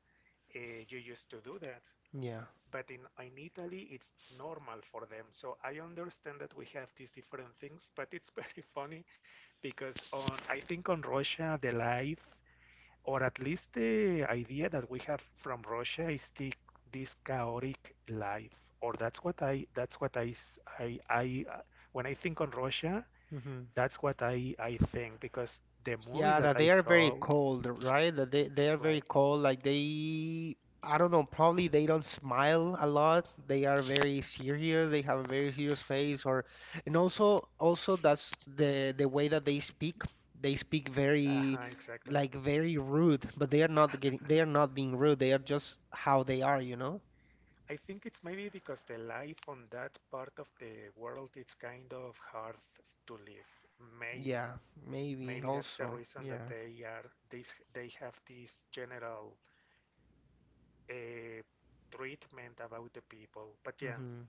uh, you used to do that,
yeah,
but in, in Italy it's normal for them. So I understand that we have these different things, but it's very funny because on, I think on Russia the life, or at least the idea that we have from Russia is the, this chaotic life, or that's what I that's what I I I uh, when I think on Russia,
hmm
that's what I I think because the movies
Yeah,
that
that
I
they are very
saw,
cold, right? That they they are very
right?
cold. Like they, I don't know, probably they don't smile a lot. They are very serious. They have a very serious face, or and also also that's the the way that they speak. They speak very
Uh-huh, exactly.
like very rude, but they are not getting they are not being rude. They are just how they are, you know?
I think it's maybe because the life on that part of the world it's kind of hard to live. Maybe,
Yeah,
maybe
maybe
that's the
also.
reason that
Yeah.
they are this. They have this general uh, treatment about the people. But yeah,
hmm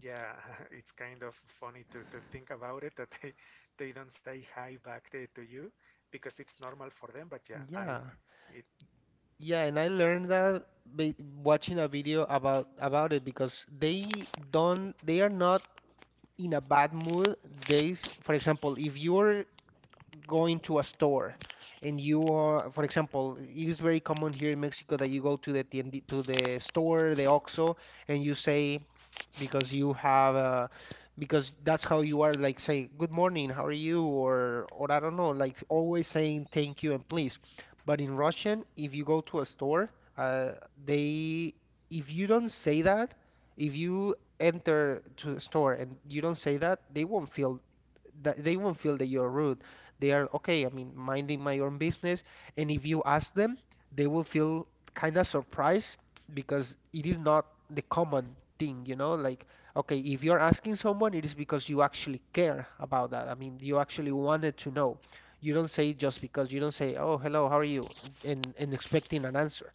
yeah, it's kind of funny to, to think about it, that they they don't say hi back to, to you because it's normal for them. But yeah, I
Yeah. Yeah, and I learned that by watching a video about about it because they don't they are not in a bad mood. They, s- for example, if you're going to a store and you are, for example, it is very common here in Mexico that you go to the tiend to the store, the OXXO, and you say, because you have a because that's how you are, like say good morning, how are you, or or I don't know, like always saying thank you and please. But in Russian, if you go to a store, uh, they, if you don't say that, if you enter to the store and you don't say that, they won't feel that they won't feel that you're rude. They are okay, I mean, minding my own business. And if you ask them, they will feel kind of surprised because it is not the common thing, you know? Like, okay, if you're asking someone, it is because you actually care about that. I mean, you actually wanted to know. You don't say it just because you don't say, "Oh, hello, how are you?" and, and expecting an answer.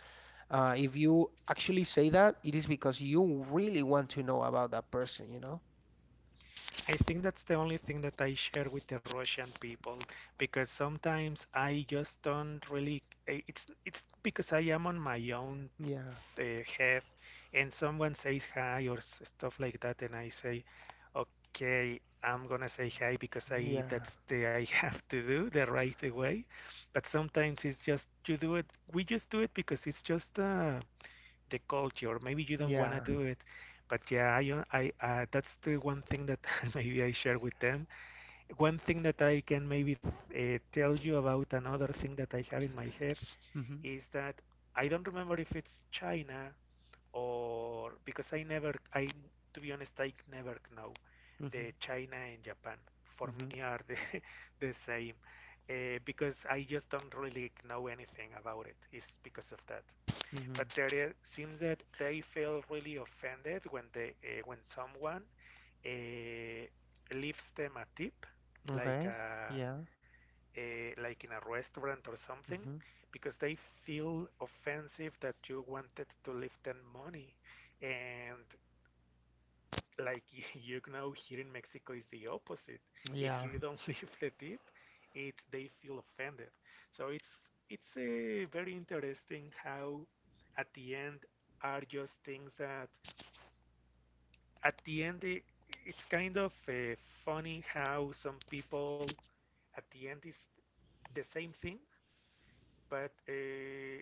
Uh, if you actually say that, it is because you really want to know about that person, you know?
I think that's the only thing that I share with the Russian people because sometimes I just don't really. eh, It's it's because I am on my own
Yeah,
uh, head, and someone says hi or s- stuff like that, and I say, okay, I'm gonna say hi because I,
yeah,
that's the, I have to do the right way. But sometimes it's just you do it. We just do it because it's just uh, the culture. Maybe you don't wanna
yeah.
do it, but yeah, I, uh, I uh, that's the one thing that maybe I share with them. One thing that I can maybe uh, tell you about, another thing that I have in my head
Mm-hmm,
is that I don't remember if it's China or, because I never, I, to be honest, I never know.
mm-hmm,
The China and Japan for
mm-hmm,
me are the the same, uh, because I just don't really know anything about it. It's because of that,
mm-hmm.
but there seems that they feel really offended when they uh, when someone uh, leaves them a tip, like
Okay,
a,
yeah,
a like in a restaurant or something,
mm-hmm,
because they feel offensive that you wanted to leave them money, and like you know here in Mexico is the opposite. If
yeah.
you don't leave the tip, it's, they feel offended. So it's it's uh, very interesting how at the end are just things that at the end i- it's kind of uh, funny how some people at the end is the same thing, but uh,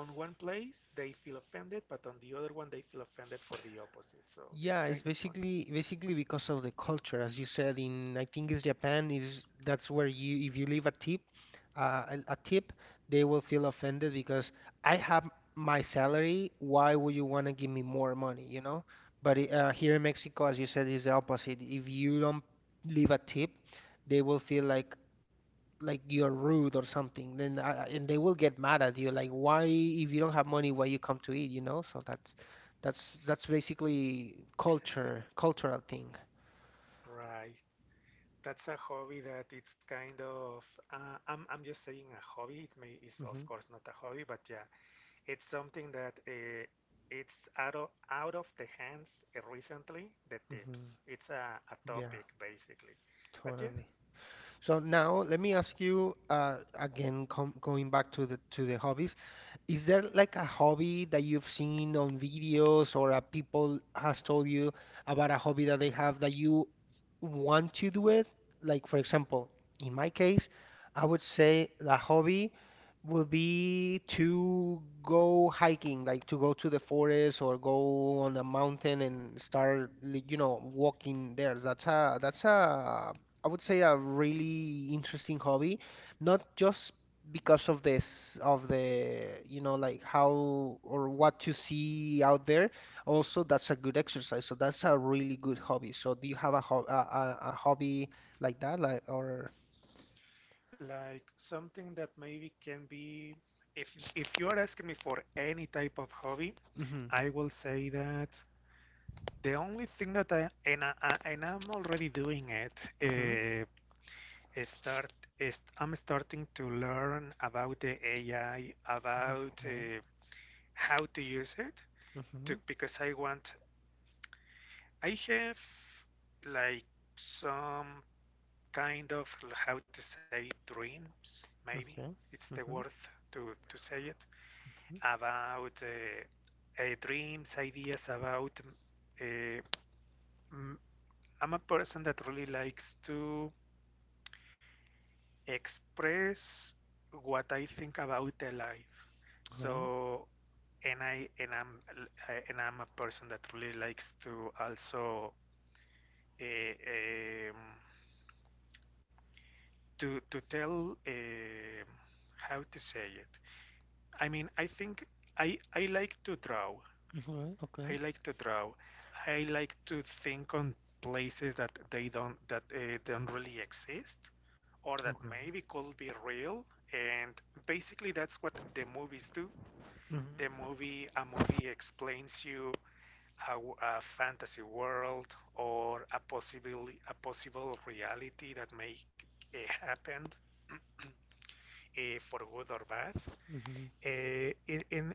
on one place they feel offended, but on the other one they feel offended for the opposite. So it's
Yeah, it's
kind of fun.
basically basically because of the culture, as you said. In, I think it's Japan, is that's where you if you leave a tip, uh, a, a tip, they will feel offended because I have my salary. Why would you want to give me more money? You know. But i- uh, here in Mexico, as you said, is the opposite. If you don't leave a tip, they will feel like like you're rude or something, then I, I- and they will get mad at you. Like, why, if you don't have money, why you come to eat, you know? So that's that's that's basically culture, cultural thing.
Right. That's a hobby that it's kind of uh, I'm I'm just saying a hobby. It may is of
Hmm
course not a hobby, but yeah, it's something that uh, it's out of, out of the hands uh, recently. The tips.
hmm
It's a, a
Yeah,
topic basically, but yeah,
totally. So now let me ask you, uh, again, com going back to the to the hobbies. Is there like a hobby that you've seen on videos or a people has told you about a hobby that they have that you want to do it? Like for example, in my case, I would say the hobby would be to go hiking, like to go to the forest or go on a mountain and start, li- you know, walking there. That's a that's a I would say a really interesting hobby, not just because of this of the you know like how or what you see out there. Also, that's a good exercise, so that's a really good hobby. So do you have a ho- a, a, a hobby like that, like or
like something that maybe can be. If if you are asking me for any type of hobby,
mm-hmm,
I will say that the only thing that I and I, I- and I'm already doing it.
mm-hmm,
eh, start is I'm starting to learn about the A I, about
okay,
uh, how to use it,
mm-hmm,
to, because I want, I have like some kind of, how to say, dreams, maybe
okay,
it's the word
mm-hmm,
to to say it about uh, uh, dreams, ideas about. Uh, m- I'm a person that really likes to express what I think about the life. So, and I and I'm and I'm a person that really likes to also uh, um, to to tell, um, how to say it. I mean, I think I I like to draw,
okay, okay,
I
okay,
like to draw. I like to think on places that they don't, that uh, don't really exist, or that
okay,
maybe could be real, and basically that's what the movies do. The
mm-hmm,
movie a movie explains you a a fantasy world or a possible, a possible reality that may uh, happen uh, for good or bad,
mm-hmm,
uh, in, in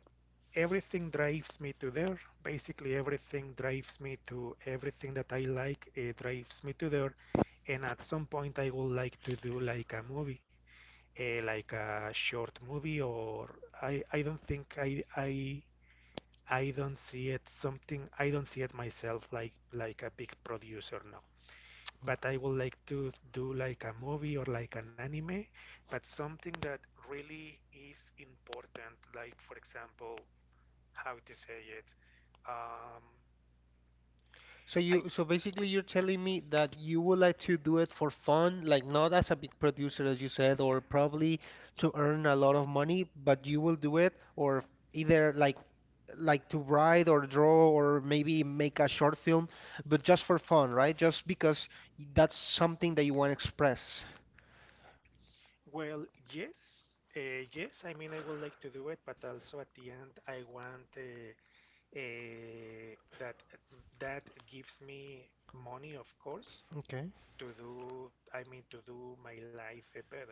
everything drives me to there. Basically, everything drives me to everything that I like. It drives me to there, and at some point, I would like to do like a movie, eh, like a short movie, or I I don't think I I I don't see it something. I don't see it myself like like a big producer. No, but
okay.
I would like to do like a movie or like an anime, but something that really is important, like for example, how to say it. Um,
So
I
you, so basically you're telling me that you would like to do it for fun, like not as a big producer, as you said, or probably to earn a lot of money, but you will do it, or either like like to write or draw or maybe make a short film, but just for fun, right? Just because y- that's something that you want to express.
well, yes, uh, yes. I mean, I would like to do it, but also at the end, I want uh, uh, that that gives me money, of course.
Okay.
To do, i mean, to do my life uh, better.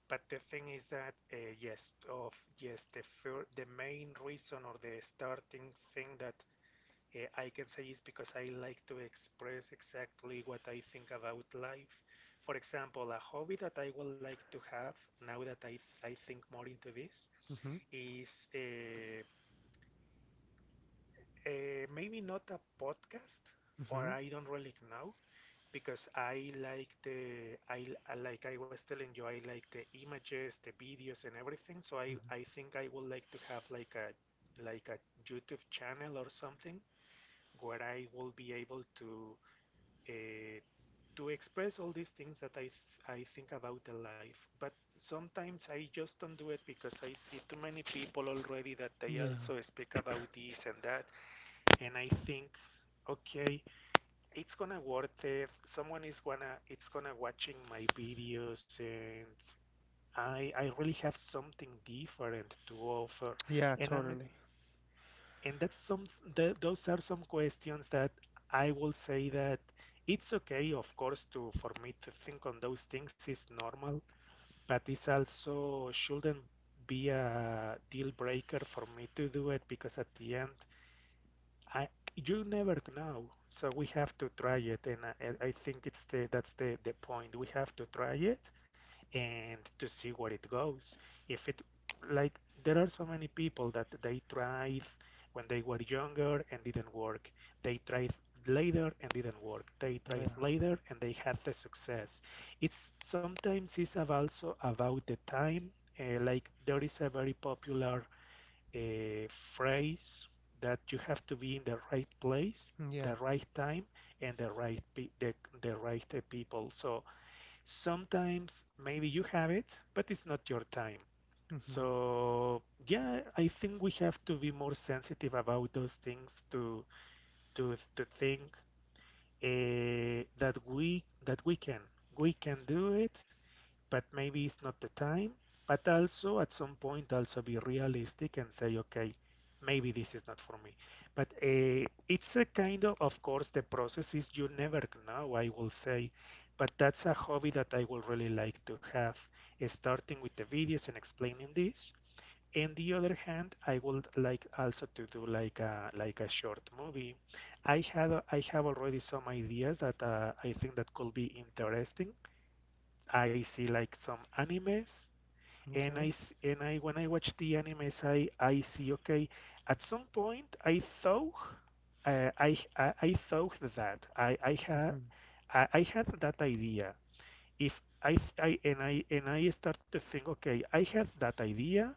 But the thing is that uh, yes, of yes, the fir- the main reason or the starting thing that uh, I can say is because I like to express exactly what I think about life. For example, a hobby that I would like to have now that i, I think more into this
Mm-hmm.
is uh, uh, maybe not a podcast, or
Mm-hmm.
I don't really know, because I like the I I- like I was telling you, I like the images, the videos, and everything. So I
Mm-hmm.
I think I would like to have like a like a YouTube channel or something where I will be able to uh, to express all these things that I th I think about the life. But sometimes I just don't do it because I see too many people already that they
Yeah.
also speak about this and that, and I think, okay, it's gonna worth it. Someone is gonna it's gonna watching my videos and I I really have something different to offer.
Yeah,
And I'm
totally.
and that's some th those are some questions that I will say that it's okay, of course, to for me to think on those things is normal, but it's also shouldn't be a deal breaker for me to do it. Because at the end I you never know. So we have to try it, and I, I think it's the that's the the point. We have to try it and to see where it goes. If it, like, there are so many people that they tried when they were younger and didn't work. They tried later and didn't work. They tried
Yeah.
later and they had the success. It's sometimes it's also about the time. Uh, like, there is a very popular a phrase that you have to be in the right place,
Yeah.
the right time, and the right pe- the, the right uh, people. So sometimes maybe you have it, but it's not your time.
Mm-hmm.
So yeah, I think we have to be more sensitive about those things to to to think uh, that we that we can we can do it, but maybe it's not the time. But also at some point also be realistic and say, okay, maybe this is not for me. But uh, it's a kind of, of course, the process is you never know, I will say. But that's a hobby that I would really like to have, eh, starting with the videos and explaining this. On the other hand, I would like also to do like a like a short movie. I have I have already some ideas that uh, I think that could be interesting. I see like some animes, and I
Okay.
s- and I, when I watch the animes, I I see, okay. At some point, I thought uh, I, I I thought that I I had
Mm-hmm.
I, I had that idea. If I, th- I and I and I start to think, okay, I had that idea.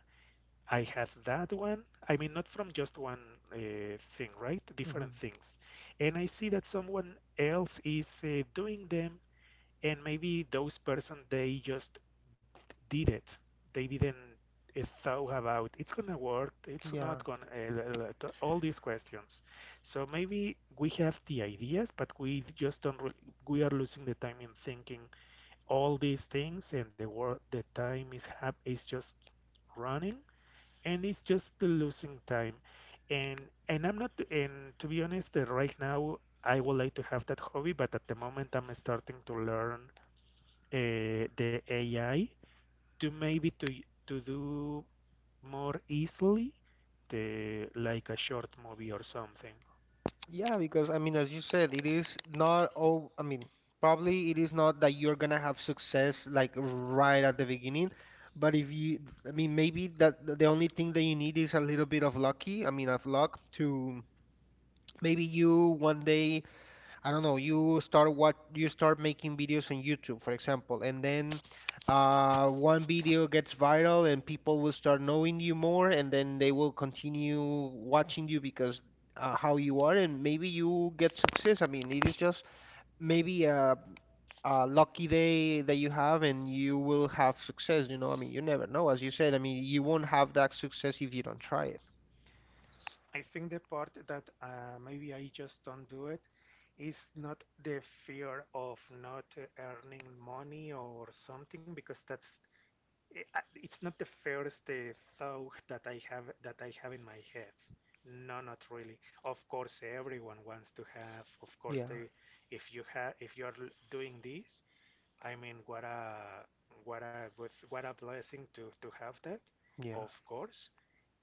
I have that one. I mean, not from just one uh, thing, right? Different
Mm-hmm.
things. And I see that someone else is uh, doing them, and maybe those person they just did it. They didn't uh, thought about it's gonna work, it's
Yeah.
not gonna uh, uh, all these questions. So maybe we have the ideas, but we just don't. Re- we are losing the time in thinking all these things, and the work the time is hap is just running, and it's just losing time. And and I'm not. And to be honest, uh, right now I would like to have that hobby, but at the moment I'm starting to learn uh, the A I to maybe to to do more easily the, like, a short movie or something.
Yeah, because I mean, as you said, it is not all, I mean, probably it is not that you're gonna have success like right at the beginning, but if you, I mean, maybe that the only thing that you need is a little bit of lucky, I mean, of luck to maybe you one day I don't know, you start what you start making videos on YouTube, for example, and then uh, one video gets viral and people will start knowing you more, and then they will continue watching you because uh, how you are, and maybe you get success. I mean, it is just maybe a, a lucky day that you have, and you will have success, you know. I mean, you never know, as you said. I mean, you won't have that success if you don't try it.
I think the part that uh, maybe I just don't do it is not the fear of not uh, earning money or something, because that's eh, uh, it's not the first uh, thought that I have that I have in my head. No, not really. Of course, everyone wants to have. Of course,
Yeah,
they, if you have, if you're doing this, I mean, what a what a good, what a blessing to to have that,
yeah.
of course.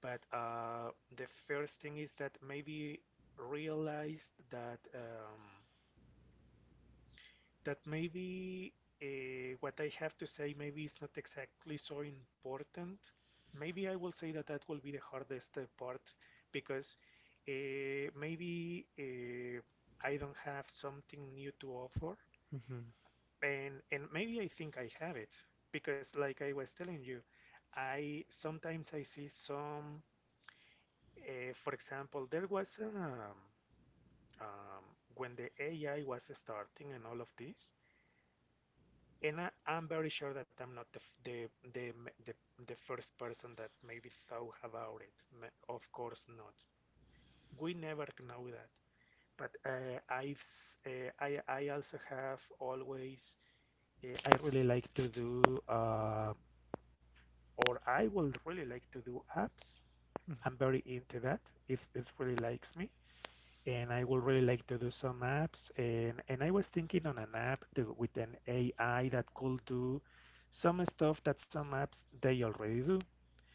But uh, the first thing is that maybe realized that um, that maybe uh, what I have to say maybe is not exactly so important. Maybe I will say that that will be the hardest uh, part, because uh, maybe uh, I don't have something new to offer.
Hmm.
And and maybe I think I have it because, like I was telling you, I sometimes I see some. Uh, for example, there was um, um, when the A I was starting and all of this, and I, I'm very sure that I'm not the f- the the the, the first person that maybe thought about it. Ma- Of course not. We never know that. But uh, I've s- uh, I I also have always uh, I really like to do. Uh, or I would really like to do apps. I'm very into that if it really likes me. And I would really like to do some apps. And, and I was thinking on an app to, with an A I that could do some stuff that some apps they already do.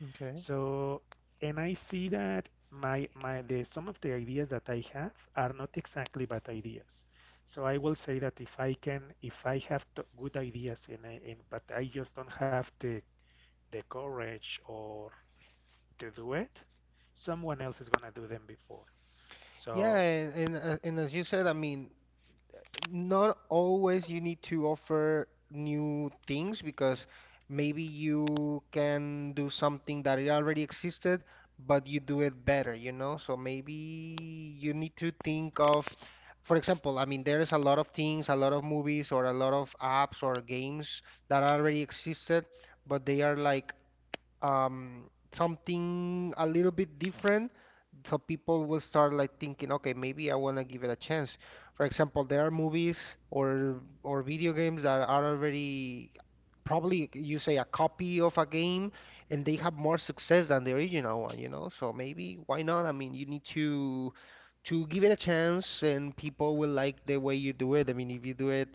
Okay.
So, and I see that my my the some of the ideas that I have are not exactly bad ideas. So I will say that if I can, if I have t good ideas, and I, and but I just don't have the the courage or to do it, someone else is gonna do them before.
Yeah,
So,
and and, uh, and as you said, I mean, not always you need to offer new things because maybe you can do something that it already existed, but you do it better, you know? So maybe you need to think of, for example, I mean, there's a lot of things, a lot of movies or a lot of apps or games that already existed, but they are like um, something a little bit different, so people will start like thinking, okay, maybe I want to give it a chance. For example, there are movies or or video games that are already probably you say a copy of a game, and they have more success than the original one, you know? So maybe why not? I mean, you need to to give it a chance and people will like the way you do it. I mean, if you do it,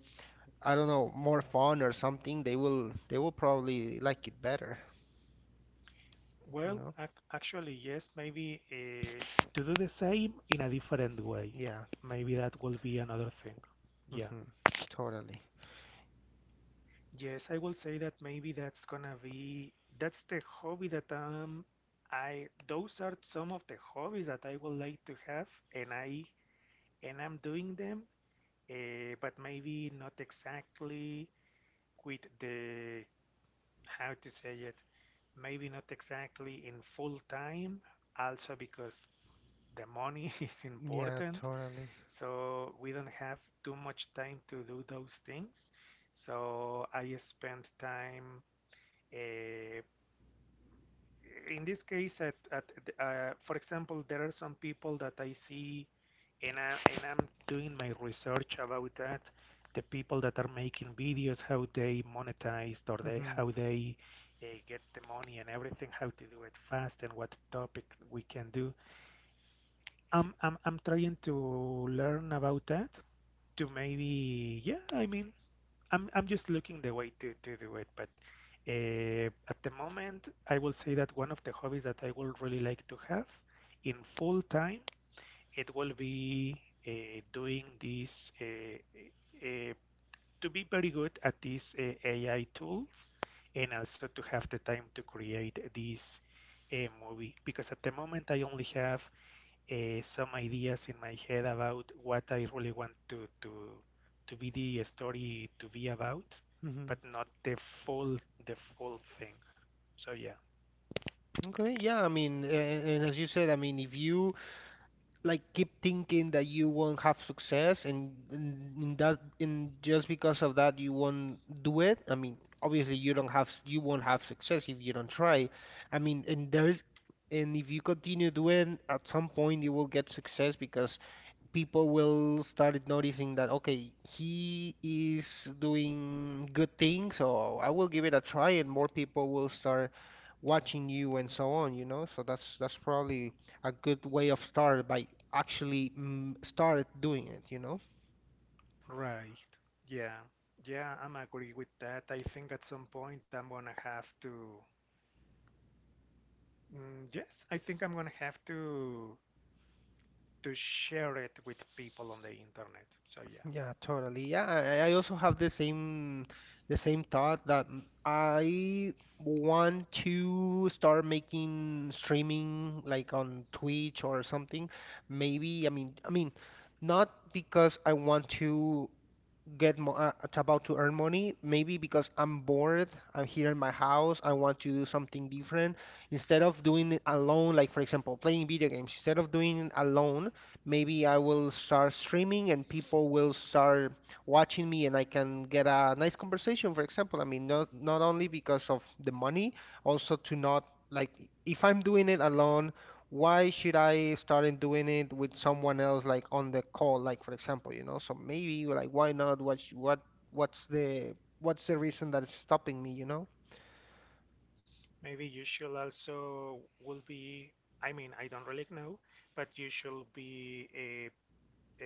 I don't know, more fun or something, they will they will probably like it better, you
well,
know?
ac- actually, yes, maybe uh, to do the same in a different way.
Yeah.
Maybe that will be another thing. Yeah.
Hmm. Totally.
Yes, I will say that maybe that's gonna be that's the hobby that um I those are some of the hobbies that I would like to have, and I and I'm doing them, uh, but maybe not exactly with the, how to say it, maybe not exactly in full time, also because the money is
Yeah,
important,
totally.
so we don't have too much time to do those things. So I spend time uh, in this case, at, at the- uh, for example, there are some people that I see, and I, and I'm doing my research about that. The people that are making videos, how they monetize, or they
Mm-hmm.
how they uh, get the money and everything, how to do it fast, and what topic we can do. I'm I'm I'm trying to learn about that to maybe, yeah, I mean, I'm I'm just looking the way to, to do it. But uh, at the moment, I will say that one of the hobbies that I would really like to have in full time, it will be uh, doing this uh, uh, to be very good at these uh, A I tools, and also to have the time to create this uh, movie. Because at the moment, I only have uh, some ideas in my head about what I really want to to to be the story to be about, but
Hmm.
not the full the full thing. So yeah.
Okay, yeah, I mean, and, and as you said, I mean, if you like keep thinking that you won't have success, and, and in that and just because of that you won't do it, I mean, obviously you don't have you won't have success if you don't try. I mean, and there's and if you continue doing, at some point you will get success because people will start noticing that okay, he is doing good things, so I will give it a try, and more people will start watching you and so on, you know? So that's that's probably a good way of start by actually mm, start doing it, you know?
Right. Yeah. Yeah, I'm agree with that. I think at some point I'm gonna have to. Mm, yes, I think I'm gonna have to to share it with people on the internet. So yeah,
Yeah, totally. Yeah, I, I also have the same the same thought that mm, I want to start making streaming like on Twitch or something. Maybe, I mean, I mean, not because I want to get mo- uh, about to earn money, maybe because I'm bored. I'm here in my house, I want to do something different instead of doing it alone, like for example playing video games. Instead of doing it alone, maybe I will start streaming and people will start watching me, and I can get a nice conversation, for example. I mean, not not only because of the money, also to not like if I'm doing it alone, why should I start doing it with someone else, like on the call, like for example, you know? So maybe, like, why not? What sh- what what's the what's the reason that is stopping me, you know?
maybe you should also will be. I mean, I don't really know, but you should be uh,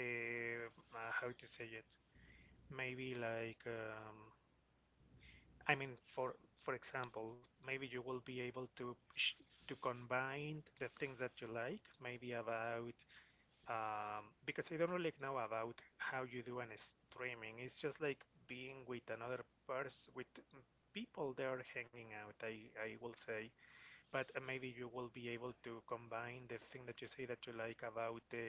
uh, uh, how to say it, maybe like, um, I mean, for for example, maybe you will be able to sh- to combine the things that you like, maybe about, um, because I don't really know about how you do an streaming. It's just like being with another person with people there hanging out, i I will say. But uh, maybe you will be able to combine the thing that you say that you like about the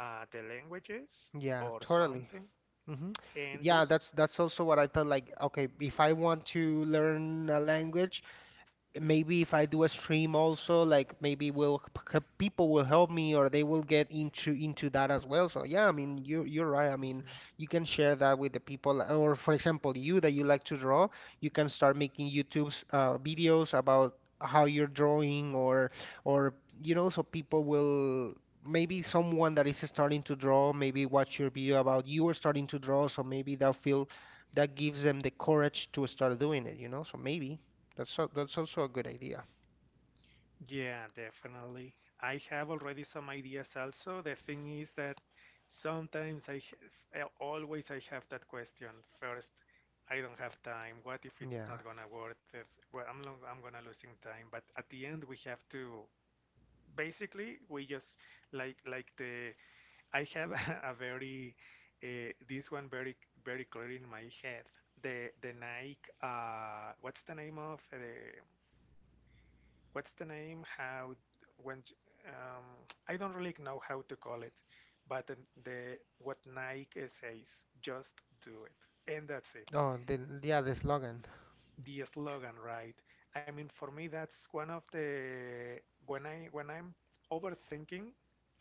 uh, the languages
Yeah,
or
totally.
something.
Hmm.
And
Yeah,
those,
that's that's also what I thought, like okay, if I want to learn a language, maybe if I do a stream also, like maybe will p- c- people will help me or they will get into into that as well. So yeah, I mean you you're right. I mean
Mhm,
you can share that with the people, or for example, you that you like to draw, you can start making YouTube's uh, videos about how you're drawing or or you know, so people will. Maybe someone that is starting to draw, maybe watch your video about you are starting to draw, so maybe they'll feel that gives them the courage to start doing it, you know? So maybe. That's so, that's also a good idea.
yeah, definitely. I have already some ideas also. The thing is that sometimes I h- s- I always I have that question first. I don't have time. What if it's
Yeah.
not gonna worth it? Well, I'm long, I'm gonna losing time. But at the end, we have to. Basically, we just, like like the. I have a very uh, this one very very clear in my head. The the Nike. Uh, what's the name of eh, the what's the name? How, when, um, I don't really know how to call it, but the, the what Nike says, just do it, and that's it.
Oh, then yeah, the slogan.
The slogan, right? I mean, for me, that's one of the, when I when I'm overthinking,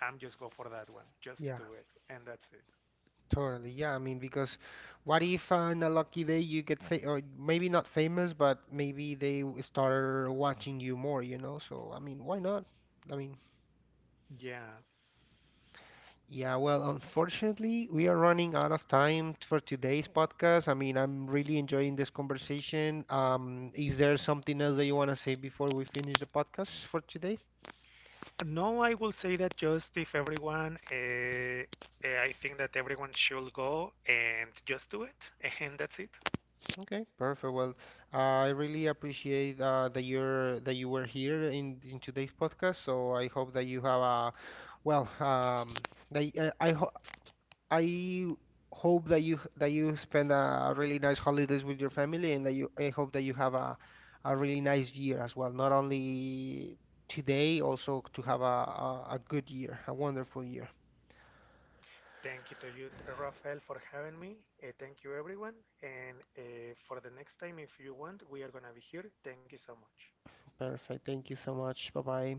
I'm just go for that one. Just
Yeah,
do it, and that's it.
totally. Yeah, I mean, because what if on a lucky day you get fa or maybe not famous, but maybe they w- start watching you more, you know? So I mean, why not? I mean,
Yeah.
yeah. Well, unfortunately, we are running out of time for today's podcast. I mean, I'm really enjoying this conversation. Um, is there something else that you want to say before we finish the podcast for today?
No, I will say that just if everyone, uh, uh, I think that everyone should go and just do it, and that's it.
Okay, perfect. Well, I really appreciate uh, that you're that you were here in in today's podcast. So I hope that you have a well, um, that y- uh, I ho I hope that you that you spend a really nice holidays with your family, and that you I hope that you have a a really nice year as well. Not only today, also to have a a, a good year, a wonderful year.
Thank you to you, Rafael, for having me. Uh, thank you, everyone. And uh, for the next time, if you want, we are going to be here. Thank you so much.
Perfect. Thank you so much. Bye bye.